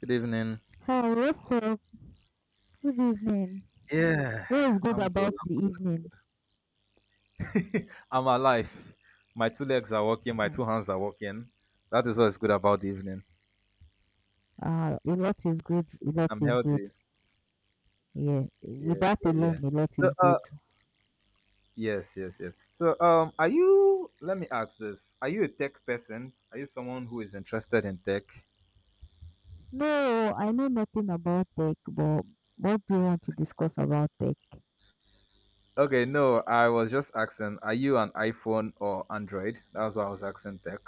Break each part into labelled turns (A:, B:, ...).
A: Good evening.
B: Hi, what's up? Good evening.
A: Yeah,
B: What is good
A: I'm good.
B: about the
A: I'm
B: evening?
A: good. I'm alive. My two legs are working. My
B: Hmm.
A: two hands are working. That is what's good about the evening.
B: A lot is good. A lot
A: I'm
B: is good.
A: healthy.
B: Yeah, with
A: Yeah,
B: that
A: yeah, yeah.
B: alone, a lot
A: So,
B: is
A: uh,
B: good.
A: yes, yes, yes. So, are you? Let me ask this: are you a tech person? Are you someone who is interested in tech?
B: No, I know nothing about tech, but what do you want to discuss about tech?
A: Okay, no, I was just asking. Are you an iPhone or Android? That's why I was asking tech.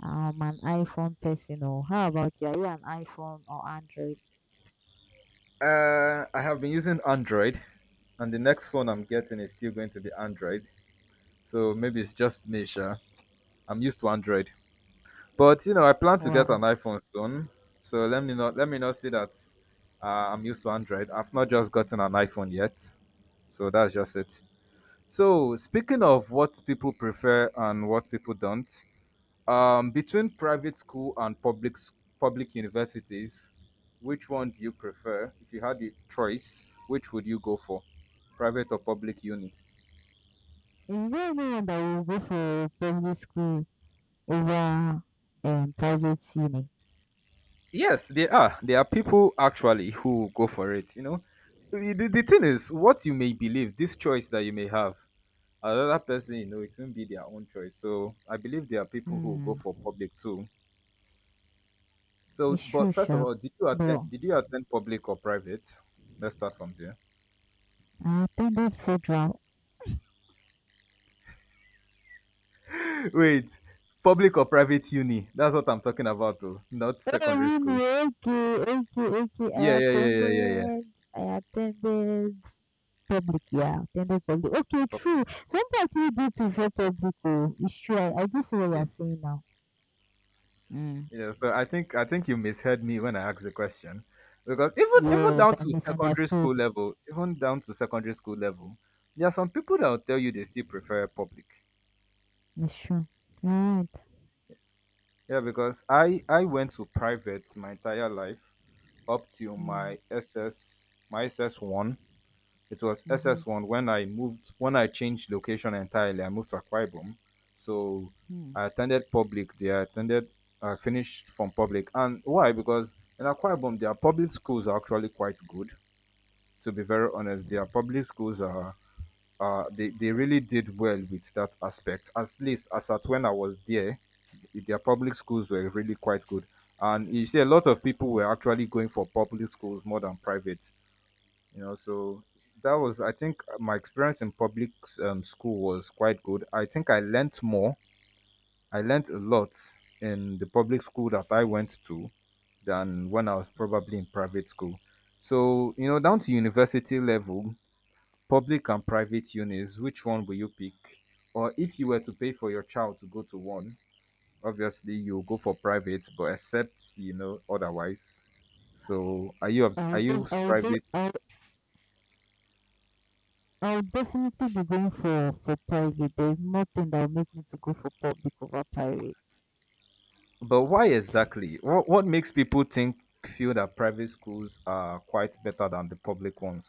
B: I'm an iPhone person, or how about you? Are you an iPhone or Android?
A: I have been using Android, and the next phone I'm getting is still going to be Android. So maybe it's just me, sure. I'm used to Android. But you know, I plan to get an
B: Wow.
A: iPhone soon. So let me not say that uh, I'm used to Android. I've not just gotten an iPhone yet. So that's just it. So speaking of what people prefer and what people don't, between private school and public universities, which one do you prefer? If you had the choice, which would you go for, private or public uni?
B: Is there anyone that will go for public school over private uni?
A: Yes, there are. There are people actually who go for it, you know. The thing is, what you may believe, this choice that you may have, another person, you know, it won't be their own choice. So I believe there are people who go
B: Hmm,
A: for public too. So,
B: it's true,
A: but first of
B: sure.
A: all, did you
B: But
A: attend? Did you attend public or private? Let's start from there.
B: I attended federal.
A: Wait, public or private uni? That's what I'm talking about, though, not
B: Oh,
A: secondary school.
B: really? Okay, okay, okay. I
A: Yeah, yeah, yeah, yeah, yeah, yeah.
B: attended. I attended public, yeah. Attended public. Okay, true.
A: Public.
B: Some people actually do prefer public. Oh, it's true. I do see what you
A: Yeah.
B: are saying now. Mm.
A: Yeah, so I think you misheard me when I asked the question. Because even
B: Yes,
A: down
B: I
A: to secondary school
B: misunderstood.
A: level, even down to secondary school level, there are some people that will tell you they still prefer public.
B: It's true. Right.
A: Yeah, because I went to private my entire life up till
B: Mm.
A: my SS one. It was
B: Mm-hmm.
A: SS1 when I moved, when I changed location entirely. I moved to Akwa Ibom. So
B: Hmm.
A: I attended, I finished from public. And why? Because in Akwa Ibom, their public schools are actually quite good. To be very honest, their public schools are, they really did well with that aspect. At least as at when I was there, their public schools were really quite good. And you see, a lot of people were actually going for public schools more than private, you know. So that was, I think, my experience in public school was quite good. I learnt more, I learnt a lot in the public school that I went to than when I was probably in private school. So you know, down to university level, public and private unis, which one will you pick? Or if you were to pay for your child to go to one, obviously you'll go for private, but except you know otherwise. So
B: I'll,
A: are
B: def-
A: you
B: I'll, de-
A: private?
B: I'll definitely be going for private. There's nothing that will make me to go for public over private.
A: But why
B: Thank you.
A: exactly? What makes people think feel that private schools are quite better than the public ones?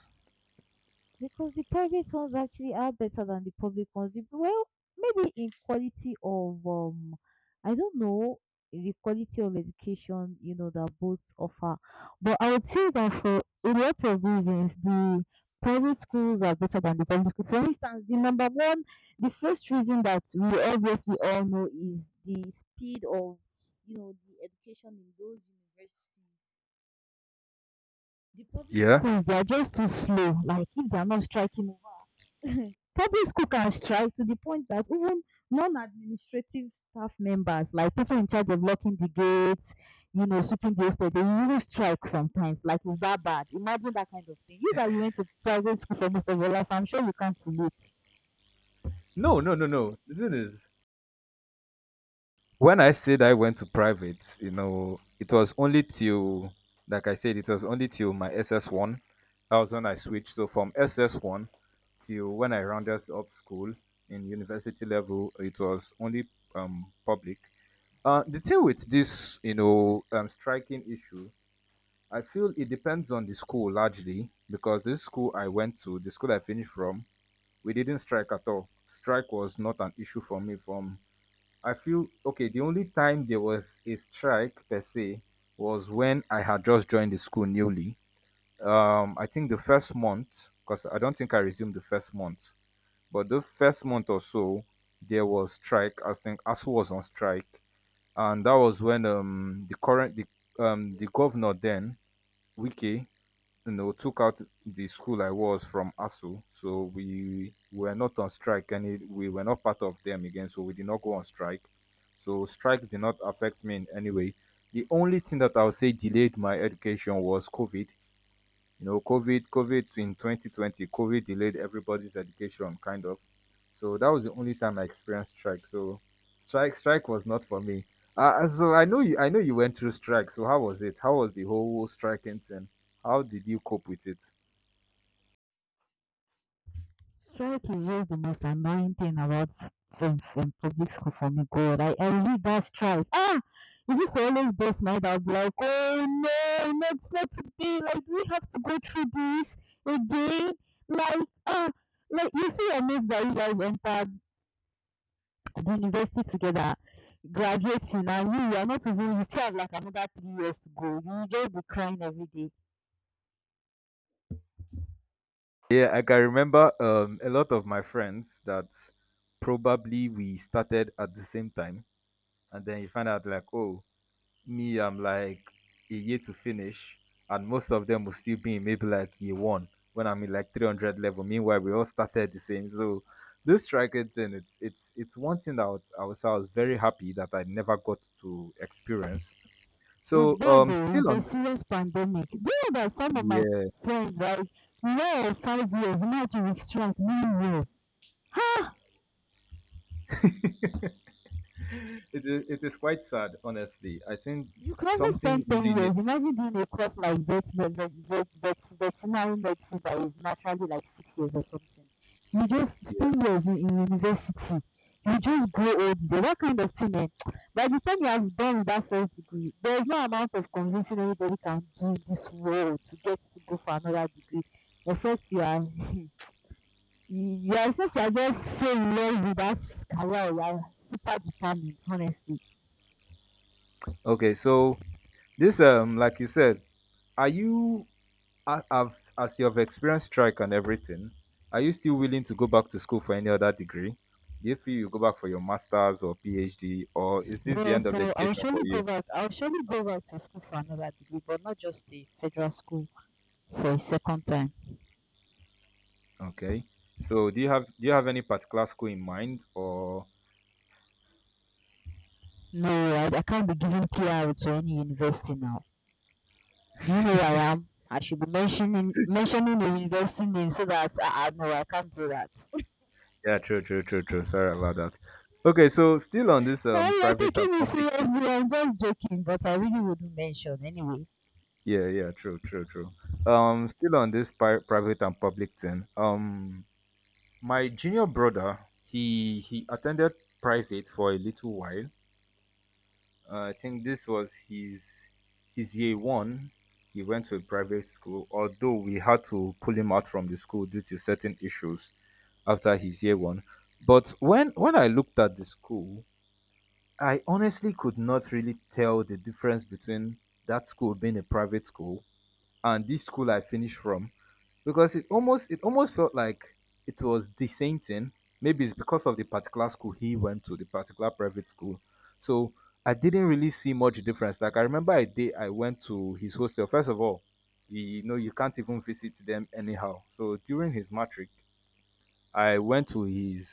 B: Because the private ones actually are better than the public ones. Well, maybe in quality of I don't know, the quality of education, you know, that both offer, but I would say that for a lot of reasons the private schools are better than the public schools. For instance, the number one, the first reason that we obviously all know is the speed of, you know, the education in those universities. The public
A: Yeah.
B: schools, they are just too slow. Like if they are not striking. Public school can strike to the point that even non-administrative staff members, like people in charge of locking the gates, you know, sweeping the estate, they really strike sometimes. Like it's that bad. Imagine that kind of thing. You that you went to private school for most of your life, I'm sure you can't relate.
A: No, no, no, no. The thing is, when I said I went to private, you know, it was only till, like I said, it was only till my SS1. That was when I switched. So from SS1 till when I rounded up school in university level, it was only public. The thing with this, you know, striking issue, I feel it depends on the school largely because this school I went to, the school I finished from, we didn't strike at all. Strike was not an issue for me. From I feel Okay, the only time there was a strike per se was when I had just joined the school newly. I think the first month, because I don't think I resumed the first month, but the first month or so, there was strike. I think ASU was on strike, and that was when the governor then Wiki, you know, took out the school I was from ASU. So we were not on strike and we were not part of them again. So we did not go on strike. So strike did not affect me in any way. The only thing that I would say delayed my education was COVID. You know, COVID in 2020, COVID delayed everybody's education, kind of. So that was the only time I experienced strike. So strike was not for me. I know you went through strike. So how was it? How was the whole striking thing? How did you cope with it?
B: Strike is just the most annoying thing about from public school for me. God, I read that strike. Ah, is this always this mind I'll be like, oh no, not today. Like, do we have to go through this again? Like, ah, like you see your mates that you guys entered the university together, graduating, and you are not even. You still have like another 3 years to go. You will just be crying every day.
A: Yeah, like, I can remember a lot of my friends that probably we started at the same time, and then you find out like, oh, me, I'm like a year to finish, and most of them will still be in maybe like year one when I'm in like 300 level. Meanwhile, we all started the same. So this striker thing, it's one thing that I would say I was very happy that I never got to experience.
B: It's
A: So
B: bad though.
A: still
B: It's a
A: on
B: serious pandemic. Do you know that some of my
A: the,
B: friends, like, law of 5 years, now to restrict 9 years? Ha!
A: yeah. It is quite sad, honestly. I think
B: You can also
A: something
B: spend 10
A: really
B: years.
A: needs,
B: Imagine doing a course like vet, veterinary medicine that is naturally like 6 years or something. You just
A: yeah.
B: 10 years in university. You just grow old. There. What kind of thing. Eh? By the time you have done with that first degree, there is no amount of convincing anybody can do in this world to get to go for another degree, except you are. you are except you are just so in love with that career, you are super determined, honestly.
A: Okay, so this, like you said, are you a- have as you have experienced strike and everything, are you still willing to go back to school for any other degree? Do you feel you go back for your masters or PhD, or is this the
B: Yeah,
A: end of
B: so I'll
A: education for
B: surely go
A: you?
B: back. I'll surely go back to school for another degree, but not just a federal school for a second time.
A: Okay, so do you have any particular school in mind, or?
B: No, I can't be giving PR to any university now. Do you know who I am? I should be mentioning the university name so that I know I can't do that.
A: Yeah, true, true, true, true, sorry about that. Okay, so still on this,
B: Oh, you're
A: private and
B: taking me
A: public issue.
B: seriously. I'm just joking, but I really wouldn't mention anyway.
A: Yeah, yeah, true, true, true. Still on this private and public thing. My junior brother, he attended private for a little while. I think this was his year one. He went to a private school, although we had to pull him out from the school due to certain issues after his year one. But when I looked at the school, I honestly could not really tell the difference between that school being a private school and this school I finished from, because it almost felt like it was the same thing. Maybe it's because of the particular school he went to, the particular private school. So I didn't really see much difference. Like I remember a day I went to his hostel. First of all, you know you can't even visit them anyhow. So during his matric, I went to his,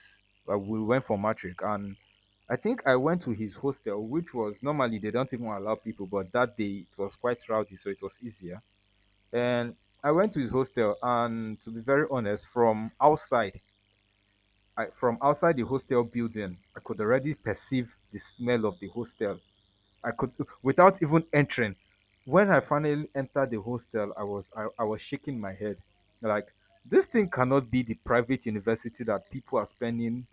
A: we went for matric and I think I went to his hostel, which was normally they don't even allow people, but that day it was quite rowdy, so it was easier, and I went to his hostel. And to be very honest, from outside, from outside the hostel building, I could already perceive the smell of the hostel. I could, without even entering. When I finally entered the hostel, I was shaking my head, like, this thing cannot be the private university that people are spending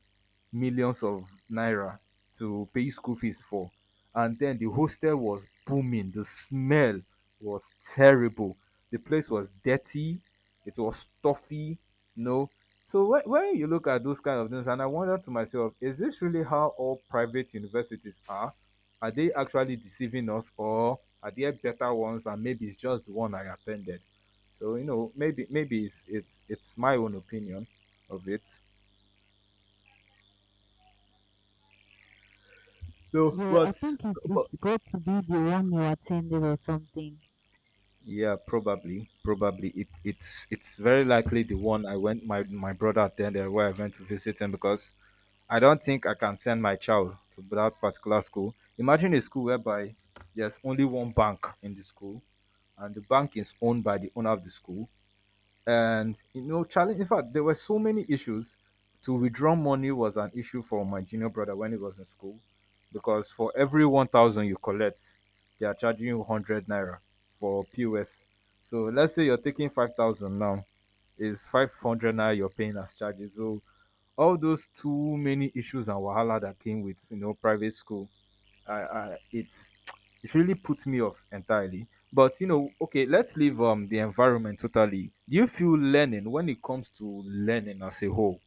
A: millions of naira to pay school fees for. And then the hostel was booming. The smell was terrible. The place was dirty. It was stuffy. No. So when you look at those kind of things, and I wonder to myself, is this really how all private universities are? Are they actually deceiving us, or are there better ones, and maybe it's just the one I attended? So you know, maybe it's my own opinion of it. So
B: Yeah, I
A: what?
B: think it's
A: But
B: it's got to be the one you attended or something.
A: yeah, probably, it's very likely the one I went, my brother attended where I went to visit him, because I don't think I can send my child to that particular school. Imagine a school whereby there's only one bank in the school, and the bank is owned by the owner of the school, and you know challenge. In fact, there were so many issues. To withdraw money was an issue for my junior brother when he was in school, because for every 1000 you collect, they are charging you 100 naira for POS. So let's say you're taking 5000, now is 500 naira you're paying as charges. So all those too many issues and wahala that came with, you know, private school, I it it really put me off entirely. But you know, okay, let's leave the environment totally. Do you feel learning when it comes to learning as a whole?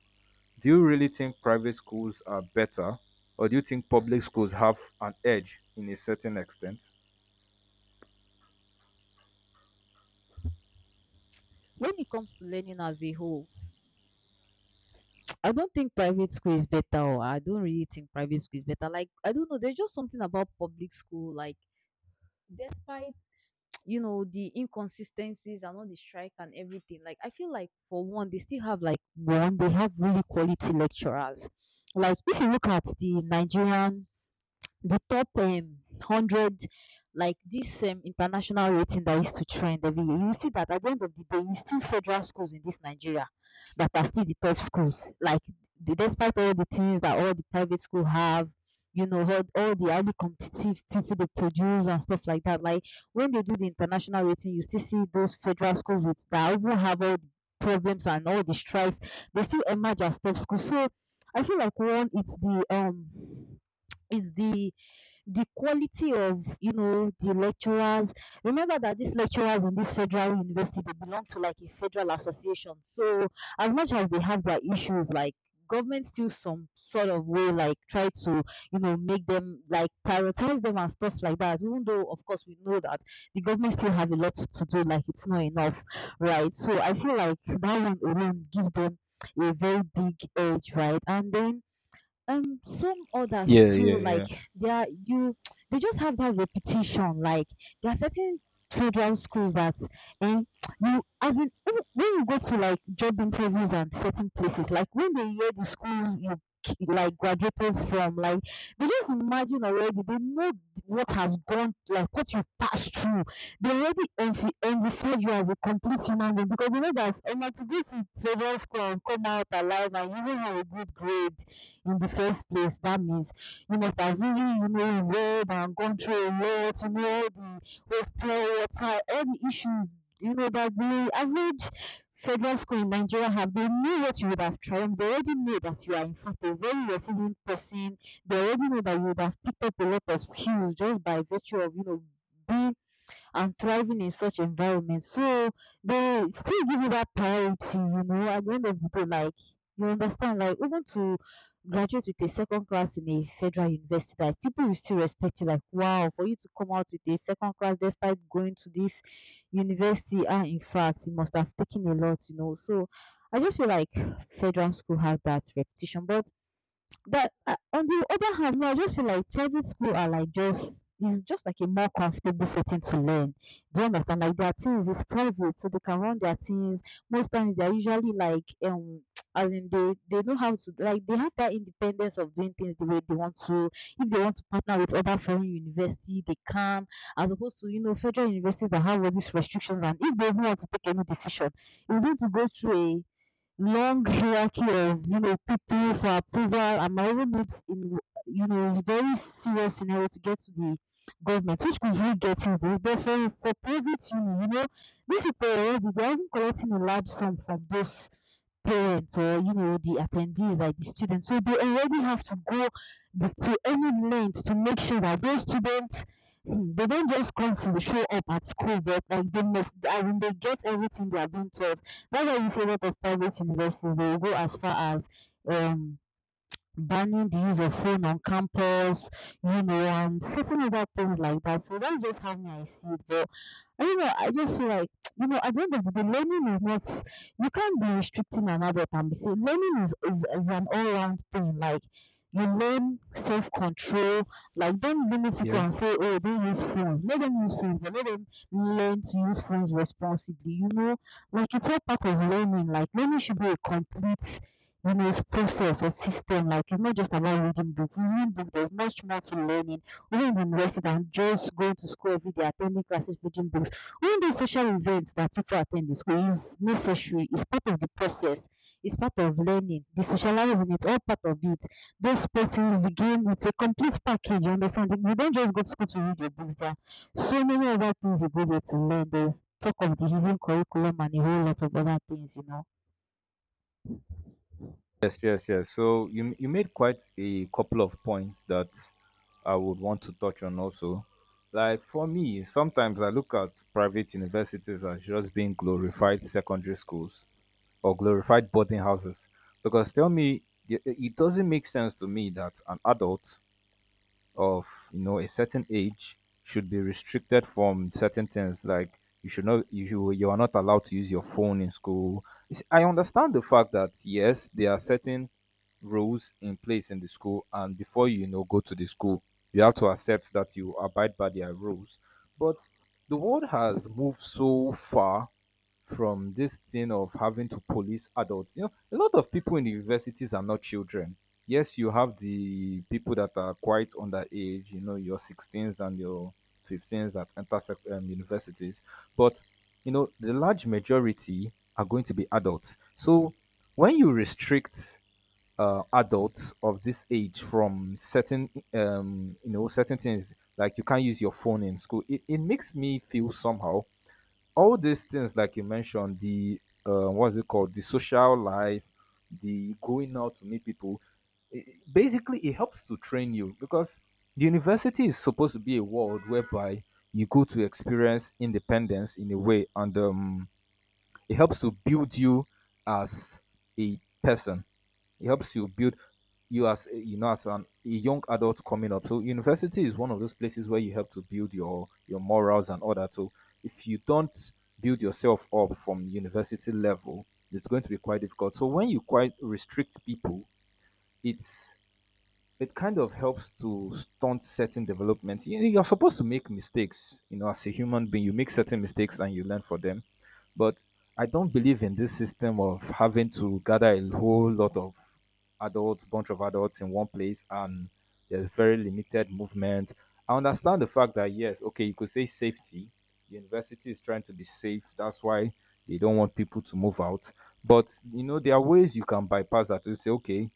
A: Do you really think private schools are better, or do you think public schools have an edge in a certain extent?
B: When it comes to learning as a whole, I don't think private school is better. Or I don't really think private school is better. Like I don't know. There's just something about public school. Like despite, you know, the inconsistencies and all the strike and everything, like I feel like for one they still have like one, they have really quality lecturers. Like if you look at the Nigerian, the top 100, like this international rating that used to trend every year, you see that at the end of the day, it's still federal schools in this Nigeria that are still the top schools. Like despite all the things that all the private school have, you know, all the highly competitive people they produce and stuff like that, like when they do the international rating, you still see those federal schools with that even have all the problems and all the strikes, they still emerge as top schools. So I feel like one, it's the it's the the quality of, you know, the lecturers. Remember that these lecturers in this federal university, they belong to like a federal association. So as much as they have their issues, like government still some sort of way like try to, you know, make them like prioritize them and stuff like that, even though of course we know that the government still have a lot to do, like it's not enough, right? So I feel like that one alone gives them a very big edge, right? And then some
A: Yeah,
B: others too,
A: yeah,
B: like
A: yeah,
B: they are you, they just have that repetition. Like there are certain children's schools that. And you, as in even when you go to like job interviews and certain places, like when they hear the school you like graduated from, like they just imagine already, they know what has gone, like what you passed through, they already envisage you as a complete human being because they know that I'm to go to favorite school and come out alive and even have a good grade in the first place. That means you must have really, you know, read and gone through a lot to know the hostel water, any issues, you know, that the average federal school in Nigeria have. They knew what you would have tried. They already know that you are, in fact, a very resilient person. They already know that you would have picked up a lot of skills just by virtue of, you know, being and thriving in such environment. So they still give you that priority, you know, at the end of the day, like you understand, like even to graduate with a second class in a federal university, like people will still respect you, like wow, for you to come out with a second class despite going to this university, ah, in fact, you must have taken a lot, you know. So I just feel like federal school has that reputation, but on the other hand, no, I just feel like private school are like just, it's just like a more comfortable setting to learn. Do you understand? Like their things is private, so they can run their things. Most times they're usually like I mean they know how to, like they have that independence of doing things the way they want to. If they want to partner with other foreign university, they can, as opposed to, you know, federal universities that have all these restrictions, and if they even want to take any decision, it's going to go through long hierarchy of, you know, people for approval and my even needs in, you know, very serious scenario to get to the government, which could really get in this. But for private union, you know, these people already, they are even collecting a large sum from those parents or, you know, the attendees like the students, so they already have to go to any length to make sure that those students, hmm, they don't just come to show up at school, but like they must, as in they get everything they are being taught. That's why you see a lot of private universities, they will go as far as um banning the use of phone on campus, you know, and certain other things like that. So that's just how I see it. But I don't know, I just feel like you know, at the end of the day, learning is not, you can't be restricting an adult and be saying learning is an all round thing. Like you learn self control. Like don't limit people
A: yeah.
B: and say, oh, don't use phones. Let them use phones, but let them learn to use phones responsibly. You know, like it's all part of learning. Like learning should be a complete, you know, process or system. Like it's not just about reading book. Reading book, there's much more to learning. Even in the university than just going to school every day, attending classes, reading books, even those social events that people attend in school is necessary, it's part of the process, it's part of learning, the socializing, it's all part of it. Those sporting the game, it's a complete package, you understand? You don't just go to school to read your books, there are so many other things you go there to learn. There's talk of the hidden curriculum and a whole lot of other things, you know.
A: Yes, yes, yes. So you made quite a couple of points that I would want to touch on also. Like for me, sometimes I look at private universities as just being glorified secondary schools or glorified boarding houses, because tell me, it doesn't make sense to me that an adult of a certain age should be restricted from certain things, like you should not, you are not allowed to use your phone in school. You see, I understand the fact that, yes, there are certain rules in place in the school, and before you, you know go to the school, you have to accept that you abide by their rules. But the world has moved so far from this thing of having to police adults. You know, a lot of people in the universities are not children. Yes, you have the people that are quite underage, you know, your 16s and your 15s that enter universities. But, you know, the large majority are going to be adults. So when you restrict adults of this age from certain, you know, certain things, like you can't use your phone in school, it makes me feel somehow. All these things, like you mentioned, the what's it called, the social life, the going out to meet people, i- i- basically it helps to train you, because the university is supposed to be a world whereby you go to experience independence in a way, and it helps to build you as a person. It helps you build you as you know, as an a young adult coming up. So university is one of those places where you help to build your morals and all that. So if you don't build yourself up from university level, it's going to be quite difficult. So when you quite restrict people, it's it kind of helps to stunt certain development. You're supposed to make mistakes, you know, as a human being. You make certain mistakes and you learn from them. But I don't believe in this system of having to gather a whole lot of adults, bunch of adults in one place, and there's very limited movement. I understand the fact that, yes, okay, you could say safety. The university is trying to be safe. That's why they don't want people to move out. But you know, there are ways you can bypass that. You say, okay,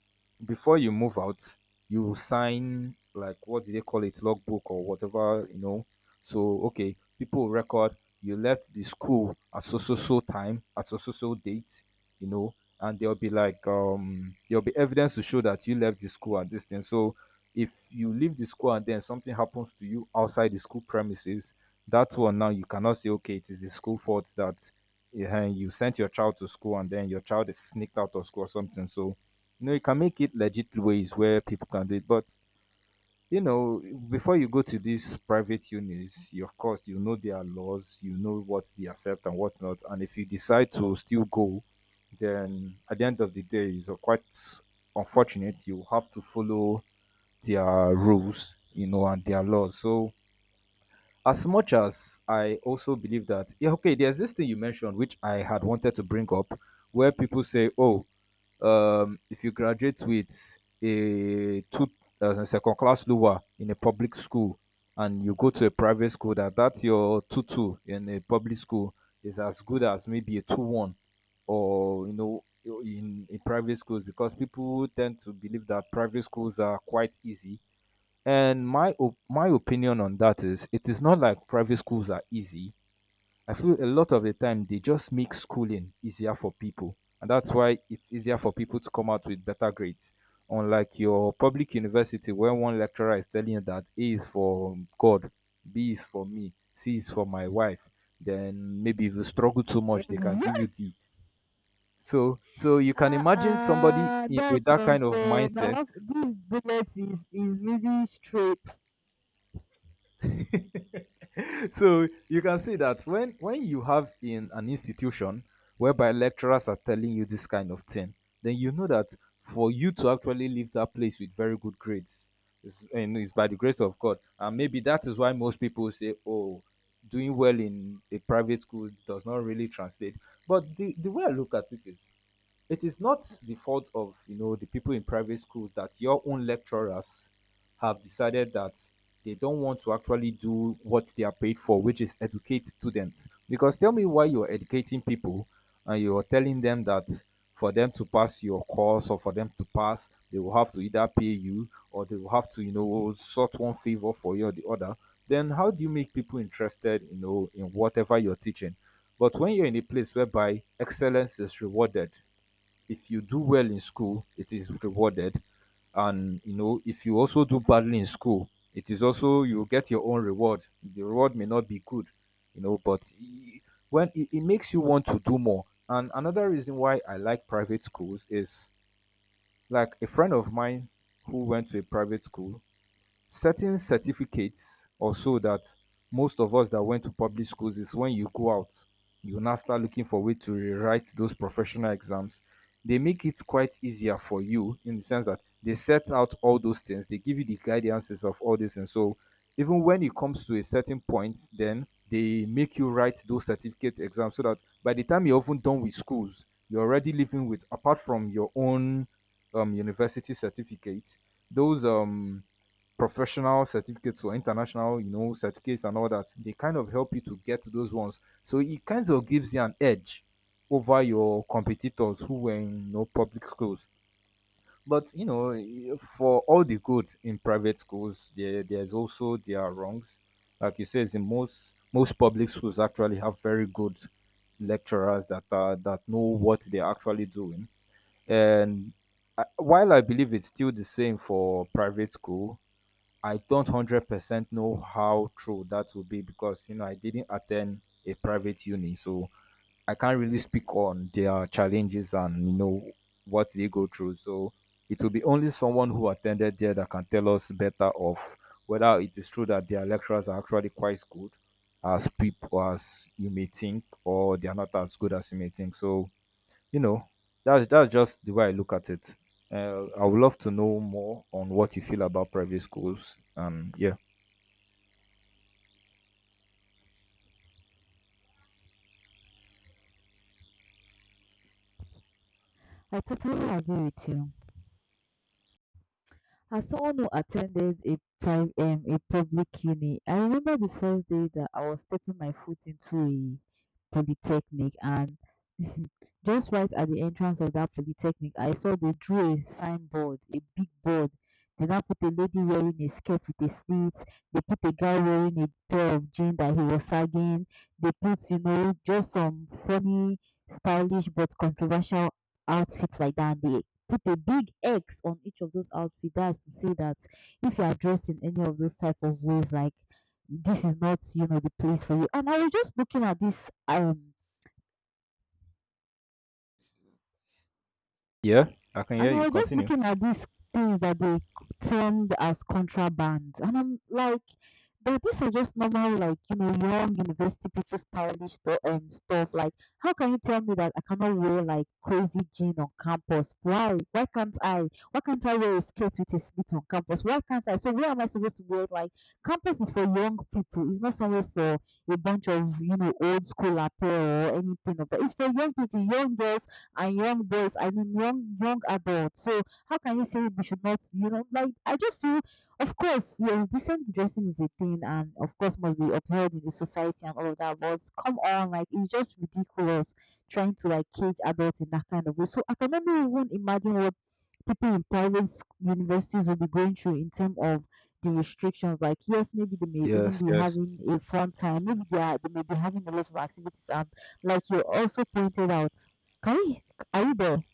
A: before you move out, you will sign, like what do they call it, logbook or whatever, you know. So okay, people will record you left the school at so so so time, at so so so date, you know, and there'll be like there'll be evidence to show that you left the school and this thing. So if you leave the school and then something happens to you outside the school premises, that one now you cannot say, okay, it is the school fault that you sent your child to school and then your child is sneaked out of school or something. So you know, you can make it legit ways where people can do it, but you know, before you go to these private unis, you, of course, you know their laws, you know what they accept and what not. And if you decide to still go, then at the end of the day, it's quite unfortunate. You have to follow their rules, you know, and their laws. So, as much as I also believe that, yeah, okay, there's this thing you mentioned, which I had wanted to bring up, where people say, oh, if you graduate with a two second class lower in a public school and you go to a private school, that your two two in a public school is as good as maybe a 2:1, or you know, in private schools, because people tend to believe that private schools are quite easy. And my opinion on that is, it is not like private schools are easy. I feel a lot of the time they just make schooling easier for people, and that's why it's easier for people to come out with better grades. Unlike your public university, where one lecturer is telling you that A is for God, B is for me, C is for my wife, then maybe if you struggle too much, they can give
B: Exactly.
A: you D. So, so you can
B: Ah
A: imagine somebody
B: ah,
A: with
B: that's
A: that kind of
B: unfair. Now,
A: mindset.
B: what- this bullet is really straight.
A: So you can see that when you have in an institution whereby lecturers are telling you this kind of thing, then you know that for you to actually leave that place with very good grades is, and is by the grace of God. And maybe that is why most people say, oh, doing well in a private school does not really translate. But the way I look at it is, it is not the fault of, you know, the people in private schools that your own lecturers have decided that they don't want to actually do what they are paid for, which is educate students. Because tell me why you're educating people and you're telling them that for them to pass your course, or for them to pass, they will have to either pay you, or they will have to, you know, sort one favor for you or the other. Then how do you make people interested, you know, in whatever you're teaching? But when you're in a place whereby excellence is rewarded, if you do well in school, it is rewarded. And you know, if you also do badly in school, it is also you get your own reward. The reward may not be good, you know, but when it makes you want to do more. And another reason why I like private schools is, like a friend of mine who went to a private school. Certain certificates or so, that most of us that went to public schools is, when you go out, you now start looking for way to rewrite those professional exams. They make it quite easier for you in the sense that they set out all those things, they give you the guidances of all this, and so even when it comes to a certain point, then they make you write those certificate exams so that by the time you're often done with schools, you're already living with, apart from your own university certificate, those professional certificates or international, you know, certificates and all that, they kind of help you to get those ones. So it kind of gives you an edge over your competitors who were in, you know, public schools. But you know, eh, for all the good in private schools, there's also their wrongs. Like you said, in most public schools actually have very good lecturers that know what they're actually doing. And I, while I believe it's still the same for private school, I don't 100% know how true that will be, because you know, I didn't attend a private uni, so I can't really speak on their challenges and, you know, what they go through. So it will be only someone who attended there that can tell us better of whether it is true that their lecturers are actually quite good as people as you may think, or they are not as good as you may think. So you know, that's just the way I look at it. I would love to know more on what you feel about private schools. Yeah.
B: I totally agree with you. As someone who attended a private a public uni, I remember the first day that I was stepping my foot into a polytechnic and just right at the entrance of that polytechnic, I saw they drew a signboard, a big board. They now put a lady wearing a skirt with a slit. They put a guy wearing a pair of jeans that he was sagging. They put, you know, just some funny, stylish but controversial outfits like that. And they put a big X on each of those outfits. That's to say that if you are dressed in any of those type of ways, like this is not, you know, the place for you. And I was just looking at this
A: Yeah, I can
B: and
A: hear
B: I
A: you.
B: was just
A: Continue.
B: looking at these things that they termed as contraband. And I'm like, but these are just normal, like, you know, young university people stylish stuff. Like, how can you tell me that I cannot wear like crazy jean on campus? Why? Why can't I? Why can't I wear a skirt with a slit on campus? Why can't I? So where am I supposed to wear? Like, campus is for young people. It's not somewhere for a bunch of, you know, old school apparel or anything of that. It's for young people, young girls and young boys, I mean young adults. So how can you say we should not, you know, like I just feel of course, yes, decent dressing is a thing and of course must be upheld in the society and all of that, but come on, like it's just ridiculous trying to like cage adults in that kind of way. So I can only even imagine what people in private universities will be going through in terms of the restrictions. Like, yes, maybe they may even
A: Yes,
B: be
A: yes,
B: having a fun time. Maybe they are, they may be having a lot of activities. And like you also pointed out, can we, are you there?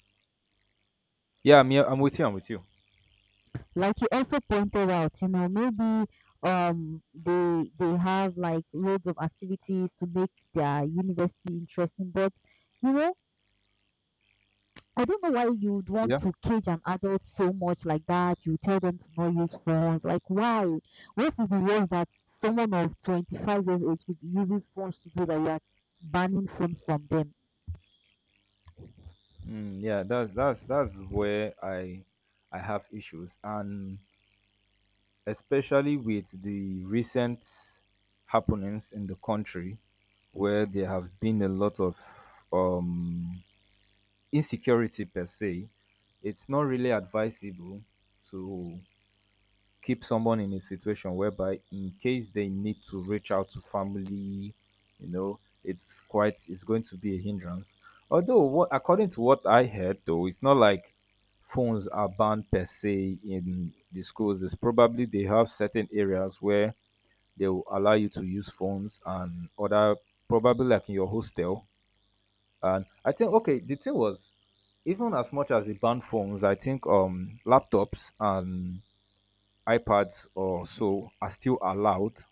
A: yeah. I'm here. I'm with you. I'm with you.
B: Like you also pointed out, you know, maybe they have like loads of activities to make their university interesting, but you know I don't know why you'd want
A: Yeah,
B: to cage an adult so much like that. You tell them to not use phones. Like, why? What is the worst that someone of 25 years old could be using phones to do that you are banning phones from them?
A: mm, yeah. That's where I have issues, and especially with the recent happenings in the country, where there have been a lot of um insecurity per se. It's not really advisable to keep someone in a situation whereby in case they need to reach out to family, you know, it's quite, it's going to be a hindrance. Although what, according to what I heard though, it's not like phones are banned per se in the schools. It's probably they have certain areas where they will allow you to use phones and other, probably like in your hostel. And I think, okay, the thing was, even as much as they ban phones, I think laptops and iPads or so are still allowed.